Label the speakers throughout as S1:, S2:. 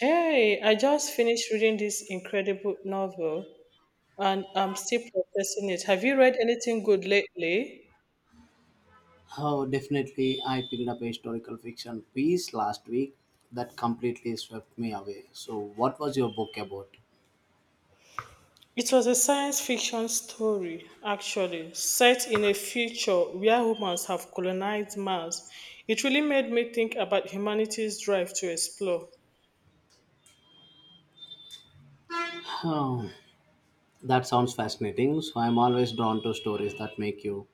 S1: Hey, I just finished reading this incredible novel and I'm still processing it. Have you read anything good lately?
S2: Oh, definitely. I picked up a historical fiction piece last week that completely swept me away. So, what was your book about?
S1: It was a science fiction story, actually, set in a future where humans have colonized Mars. It really made me think about humanity's drive to explore.
S2: Oh, that sounds fascinating. So, I'm always drawn to stories that make you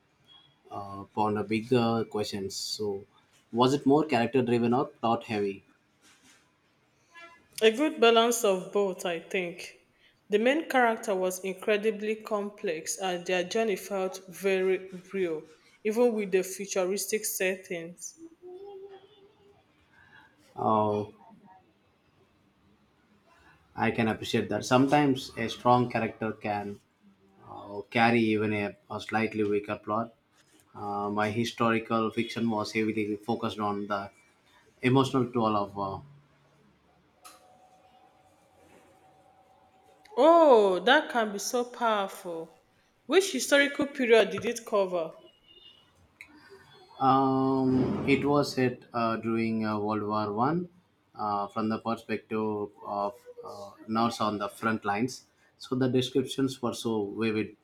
S2: ponder bigger questions. So, was it more character driven or plot heavy?
S1: A good balance of both, I think. The main character was incredibly complex and their journey felt very real, even with the futuristic settings.
S2: Oh, I can appreciate that. Sometimes a strong character can carry even a slightly weaker plot. My historical fiction was heavily focused on the emotional toll of war.
S1: Oh, that can be so powerful. Which historical period did it cover?
S2: It was set during World War I, from the perspective of nurse on the front lines. So the descriptions were so vivid.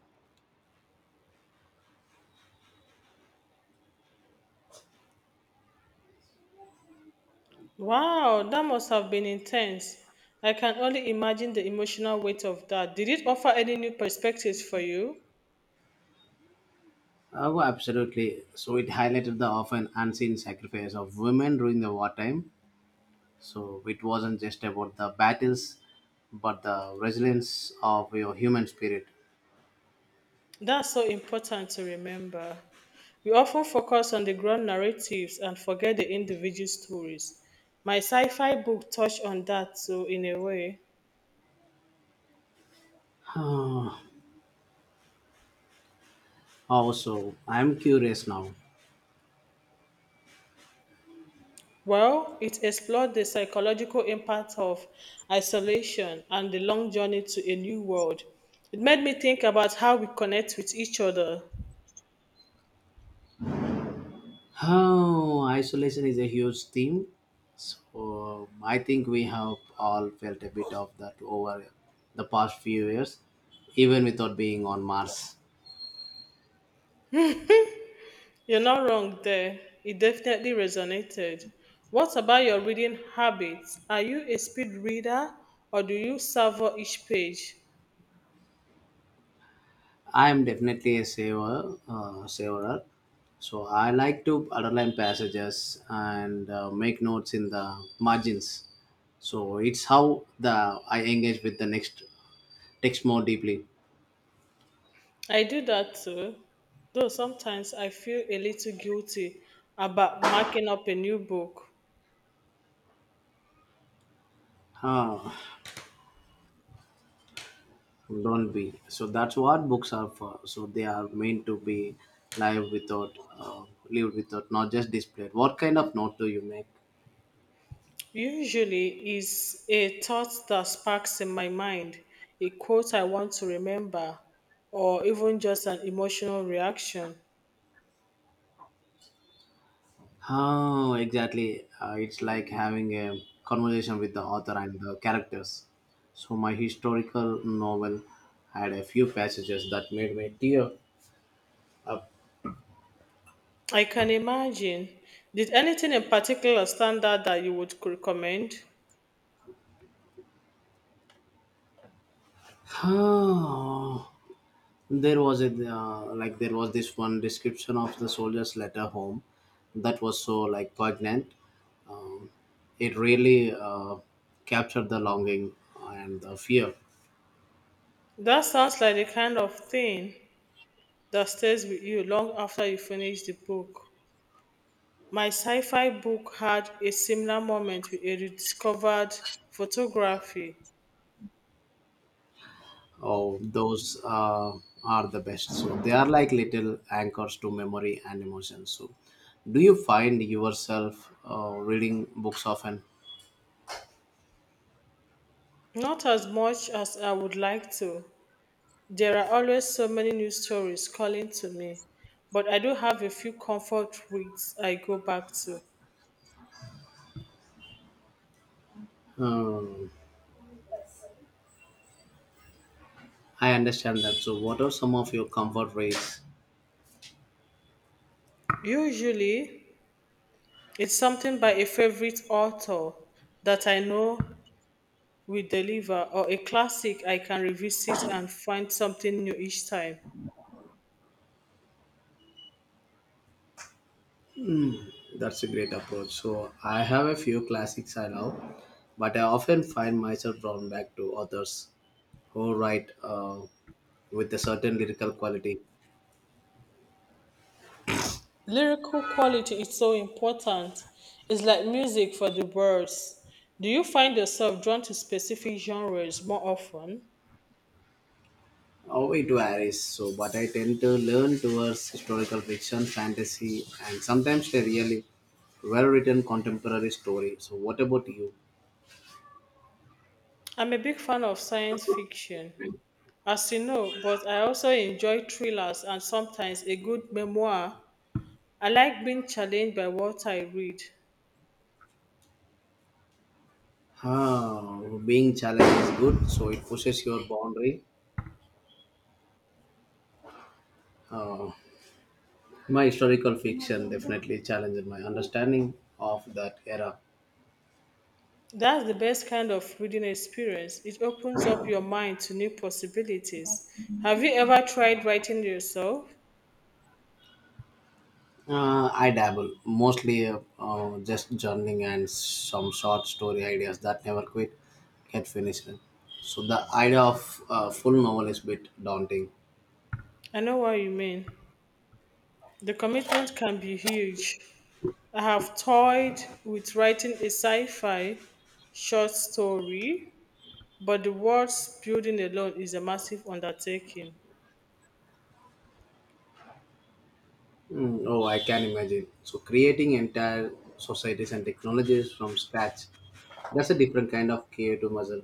S1: Wow, that must have been intense. I can only imagine the emotional weight of that. Did it offer any new perspectives for you?
S2: Oh, absolutely. So it highlighted the often unseen sacrifice of women during the wartime. So it wasn't just about the battles, but the resilience of your human spirit.
S1: That's so important to remember. We often focus on the grand narratives and forget the individual stories. My sci fi book touched on that too, in a way.
S2: Also, I'm curious now.
S1: Well, it explored the psychological impact of isolation and the long journey to a new world. It made me think about how we connect with each other.
S2: Oh, isolation is a huge theme. So I think we have all felt a bit of that over the past few years, even without being on Mars.
S1: You're not wrong there. It definitely resonated. What about your reading habits? Are you a speed reader or do you savor each page?
S2: I am definitely a saver, saverer. So I like to underline passages and make notes in the margins. So it's how the I engage with the next text more deeply.
S1: I do that too, though sometimes I feel a little guilty about marking up a new book.
S2: Huh, don't be. So that's what books are for, so they are meant to be live without uh, lived without, not just displayed. What kind of note do you make?
S1: Usually is a thought that sparks in my mind, a quote I want to remember, or even just an emotional reaction.
S2: Oh, exactly. It's like having a conversation with the author and the characters. So my historical novel had a few passages that made me tear up.
S1: I can imagine. Did anything in particular stand out that you would recommend?
S2: Oh. There was a like there was this one description of the soldier's letter home that was so like poignant. um, it really captured the longing and the fear.
S1: That sounds like the kind of thing that stays with you long after you finish the book. My sci fi book had a similar moment with a rediscovered photography.
S2: Oh, those are the best. So they are like little anchors to memory and emotion. So do you find yourself reading books often?
S1: Not as much as I would like to, there are always so many new stories calling to me, but I do have a few comfort reads I go back to.
S2: um, I understand that. So what are some of your comfort ways?
S1: Usually, it's something by a favorite author that I know will deliver, or a classic I can revisit and find something new each time.
S2: That's a great approach. So I have a few classics I love, but I often find myself drawn back to authors who write with a certain lyrical quality.
S1: Lyrical quality is so important, it's like music for the birds. Do you find yourself drawn to specific genres more often?
S2: Oh, it varies. So, but I tend to lean towards historical fiction, fantasy, and sometimes a really well-written contemporary story. So, what about you?
S1: I'm a big fan of science fiction as you know, but I also enjoy thrillers and sometimes a good memoir. I like being challenged by what I read.
S2: Ah, being challenged is good, so it pushes your boundary. Uh, my historical fiction definitely challenged my understanding of that era.
S1: That's the best kind of reading experience. It opens up your mind to new possibilities. Have you ever tried writing yourself?
S2: I dabble mostly, just journaling and some short story ideas that never quite get finished. So the idea of a full novel is a bit daunting.
S1: I know what you mean. The commitment can be huge. I have toyed with writing a sci fi short story, but the words building alone is a massive undertaking.
S2: Mm, oh, I can imagine. So creating entire societies and technologies from scratch, that's a different kind of creative muscle.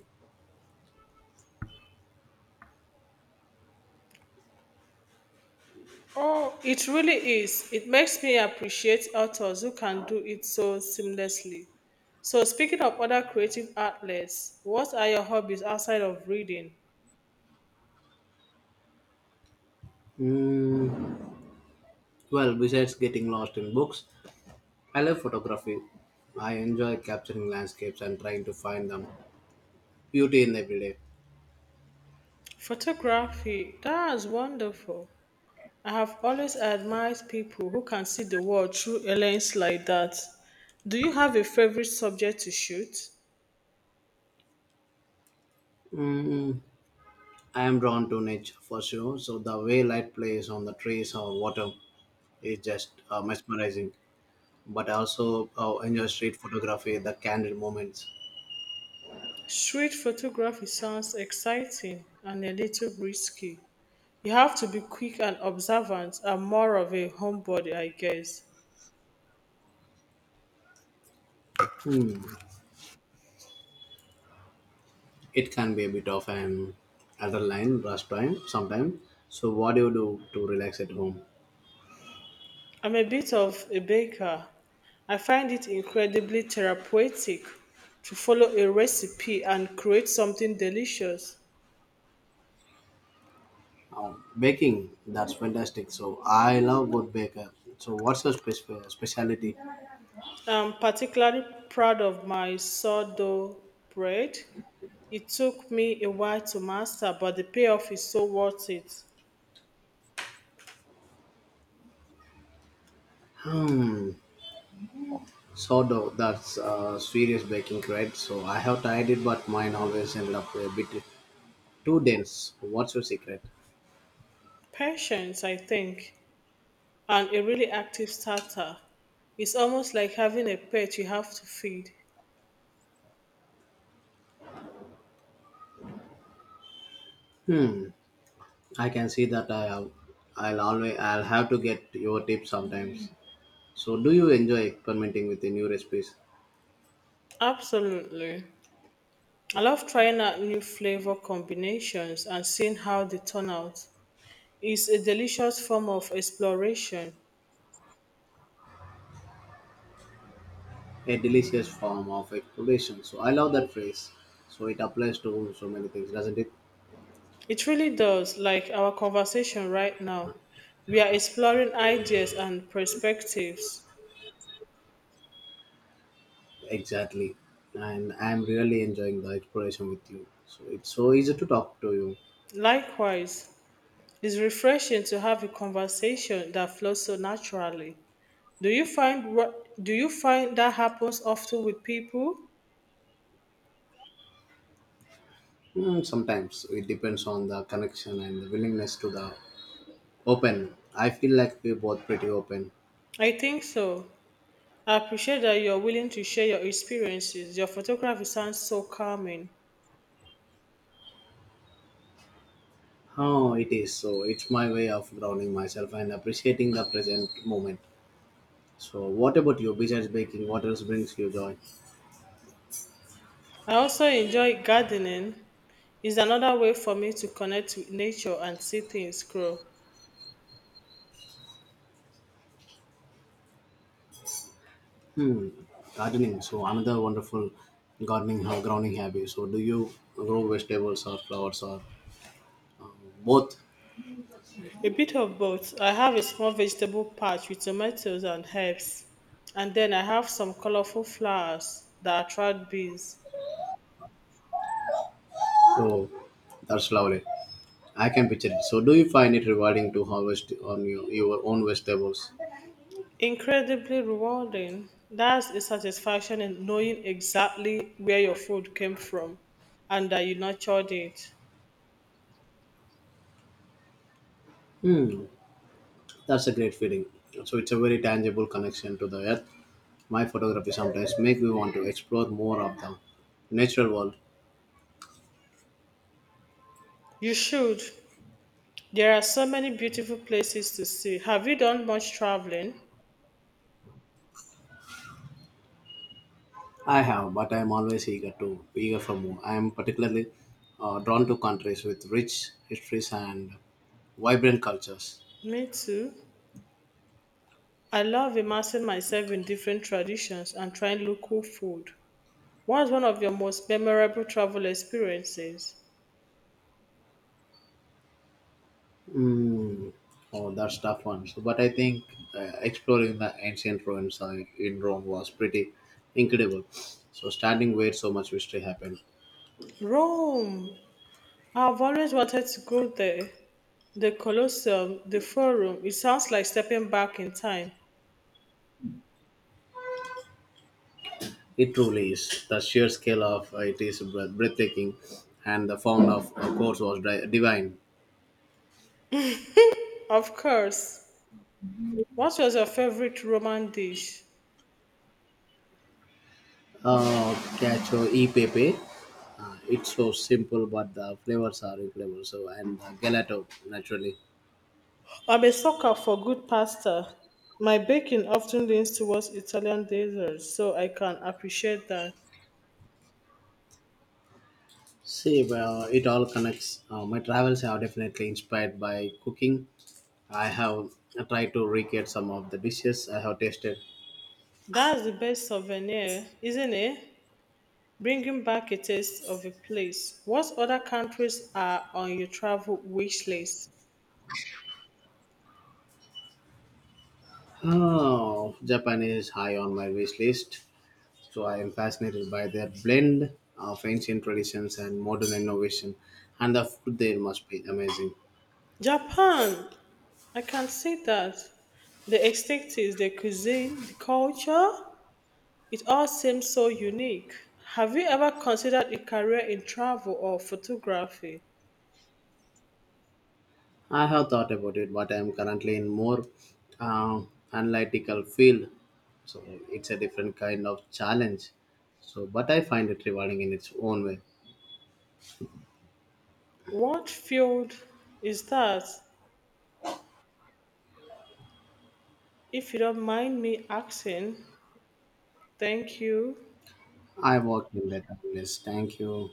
S1: Oh, it really is. It makes me appreciate authors who can do it so seamlessly. So, speaking of other creative outlets, what are your hobbies outside of reading?
S2: Mm, well, besides getting lost in books, I love photography. I enjoy capturing landscapes and trying to find them beauty in every day.
S1: Photography. That's wonderful. I have always admired people who can see the world through a lens like that. Do you have a favorite subject to shoot?
S2: Mm, I am drawn to nature for sure. So the way light plays on the trees or water is just mesmerizing. But I also enjoy street photography, the candid moments.
S1: Street photography sounds exciting and a little risky. You have to be quick and observant. I'm more of a homebody, I guess.
S2: Hmm. It can be a bit of an adrenaline rush time sometimes. So what do you do to relax at home?
S1: I'm a bit of a baker. I find it incredibly therapeutic to follow a recipe and create something delicious.
S2: Oh, baking, that's fantastic. So I love good baker. So what's your specialty?
S1: I'm particularly proud of my sourdough bread. It took me a while to master, but the payoff is so worth it.
S2: Hmm, sort. That's serious baking, right? So I have tried it, but mine always ended up a bit too dense. What's your secret?
S1: Patience, I think, and a really active starter. It's almost like having a pet you have to feed.
S2: Hmm. I can see that. I have. I'll always. I'll have to get your tips sometimes. So, do you enjoy experimenting with the new recipes?
S1: Absolutely. I love trying out new flavor combinations and seeing how they turn out. It's a delicious form of exploration.
S2: A delicious form of exploration. So, I love that phrase. So, it applies to so many things, doesn't it?
S1: It really does, like our conversation right now. We are exploring ideas and perspectives.
S2: Exactly. And I'm really enjoying the exploration with you. So, it's so easy to talk to you.
S1: Likewise, it's refreshing to have a conversation that flows so naturally. Do you find what do you find that happens often with people?
S2: Hmm, sometimes it depends on the connection and the willingness to the open. I feel like we're both pretty open.
S1: I think so. I appreciate that you're willing to share your experiences. Your photography sounds so calming.
S2: Oh, it is. So it's my way of grounding myself and appreciating the present moment. So what about you? Besides baking, what else brings you joy?
S1: I also enjoy gardening. It's another way for me to connect with nature and see things grow.
S2: Hmm, gardening. So another wonderful gardening how grounding habit. So do you grow vegetables or flowers or both?
S1: A bit of both. I have a small vegetable patch with tomatoes and herbs, and then I have some colorful flowers that attract bees.
S2: So that's lovely. I can picture it. So do you find it rewarding to harvest on your own vegetables?
S1: Incredibly rewarding. That's a satisfaction in knowing exactly where your food came from and that you nurtured it.
S2: Hmm, that's a great feeling. So it's a very tangible connection to the earth. My photography sometimes make me want to explore more of the natural world.
S1: You should. There are so many beautiful places to see. Have you done much traveling?
S2: I have, but I am always eager for more. I am particularly drawn to countries with rich histories and vibrant cultures.
S1: Me too. I love immersing myself in different traditions and trying local food. What was one of your most memorable travel experiences?
S2: Mm. Oh, that's tough one. So, but I think exploring the ancient ruins in Rome was pretty incredible. So, standing where so much history happened,
S1: Rome. I've always wanted to go there. The Colosseum, the Forum. It sounds like stepping back in time.
S2: it truly is. The sheer scale of it is breathtaking, and the form of course, was divine.
S1: Of course. What was your favorite Roman dish?
S2: Cacio e pepe. It's so simple, but the flavors are incredible. So and gelato naturally.
S1: I'm a sucker for good pasta. My baking often leans towards Italian desserts, so I can appreciate that.
S2: See, well, it all connects. My travels are definitely inspired by cooking. I have tried to recreate some of the dishes I have tasted.
S1: That's the best souvenir, isn't it? Bringing back a taste of a place. What other countries are on your travel wish list?
S2: Oh, Japan is high on my wish list. So I am fascinated by their blend of ancient traditions and modern innovation, and the food there must be amazing.
S1: Japan! I can see that. The aesthetics, the cuisine, the culture, it all seems so unique. Have you ever considered a career in travel or photography?
S2: I have thought about it, but I am currently in more uh, analytical field, so it's a different kind of challenge. So, but I find it rewarding in its own way.
S1: What field is that? If you don't mind me asking, thank you.
S2: I work in that. Yes, thank you.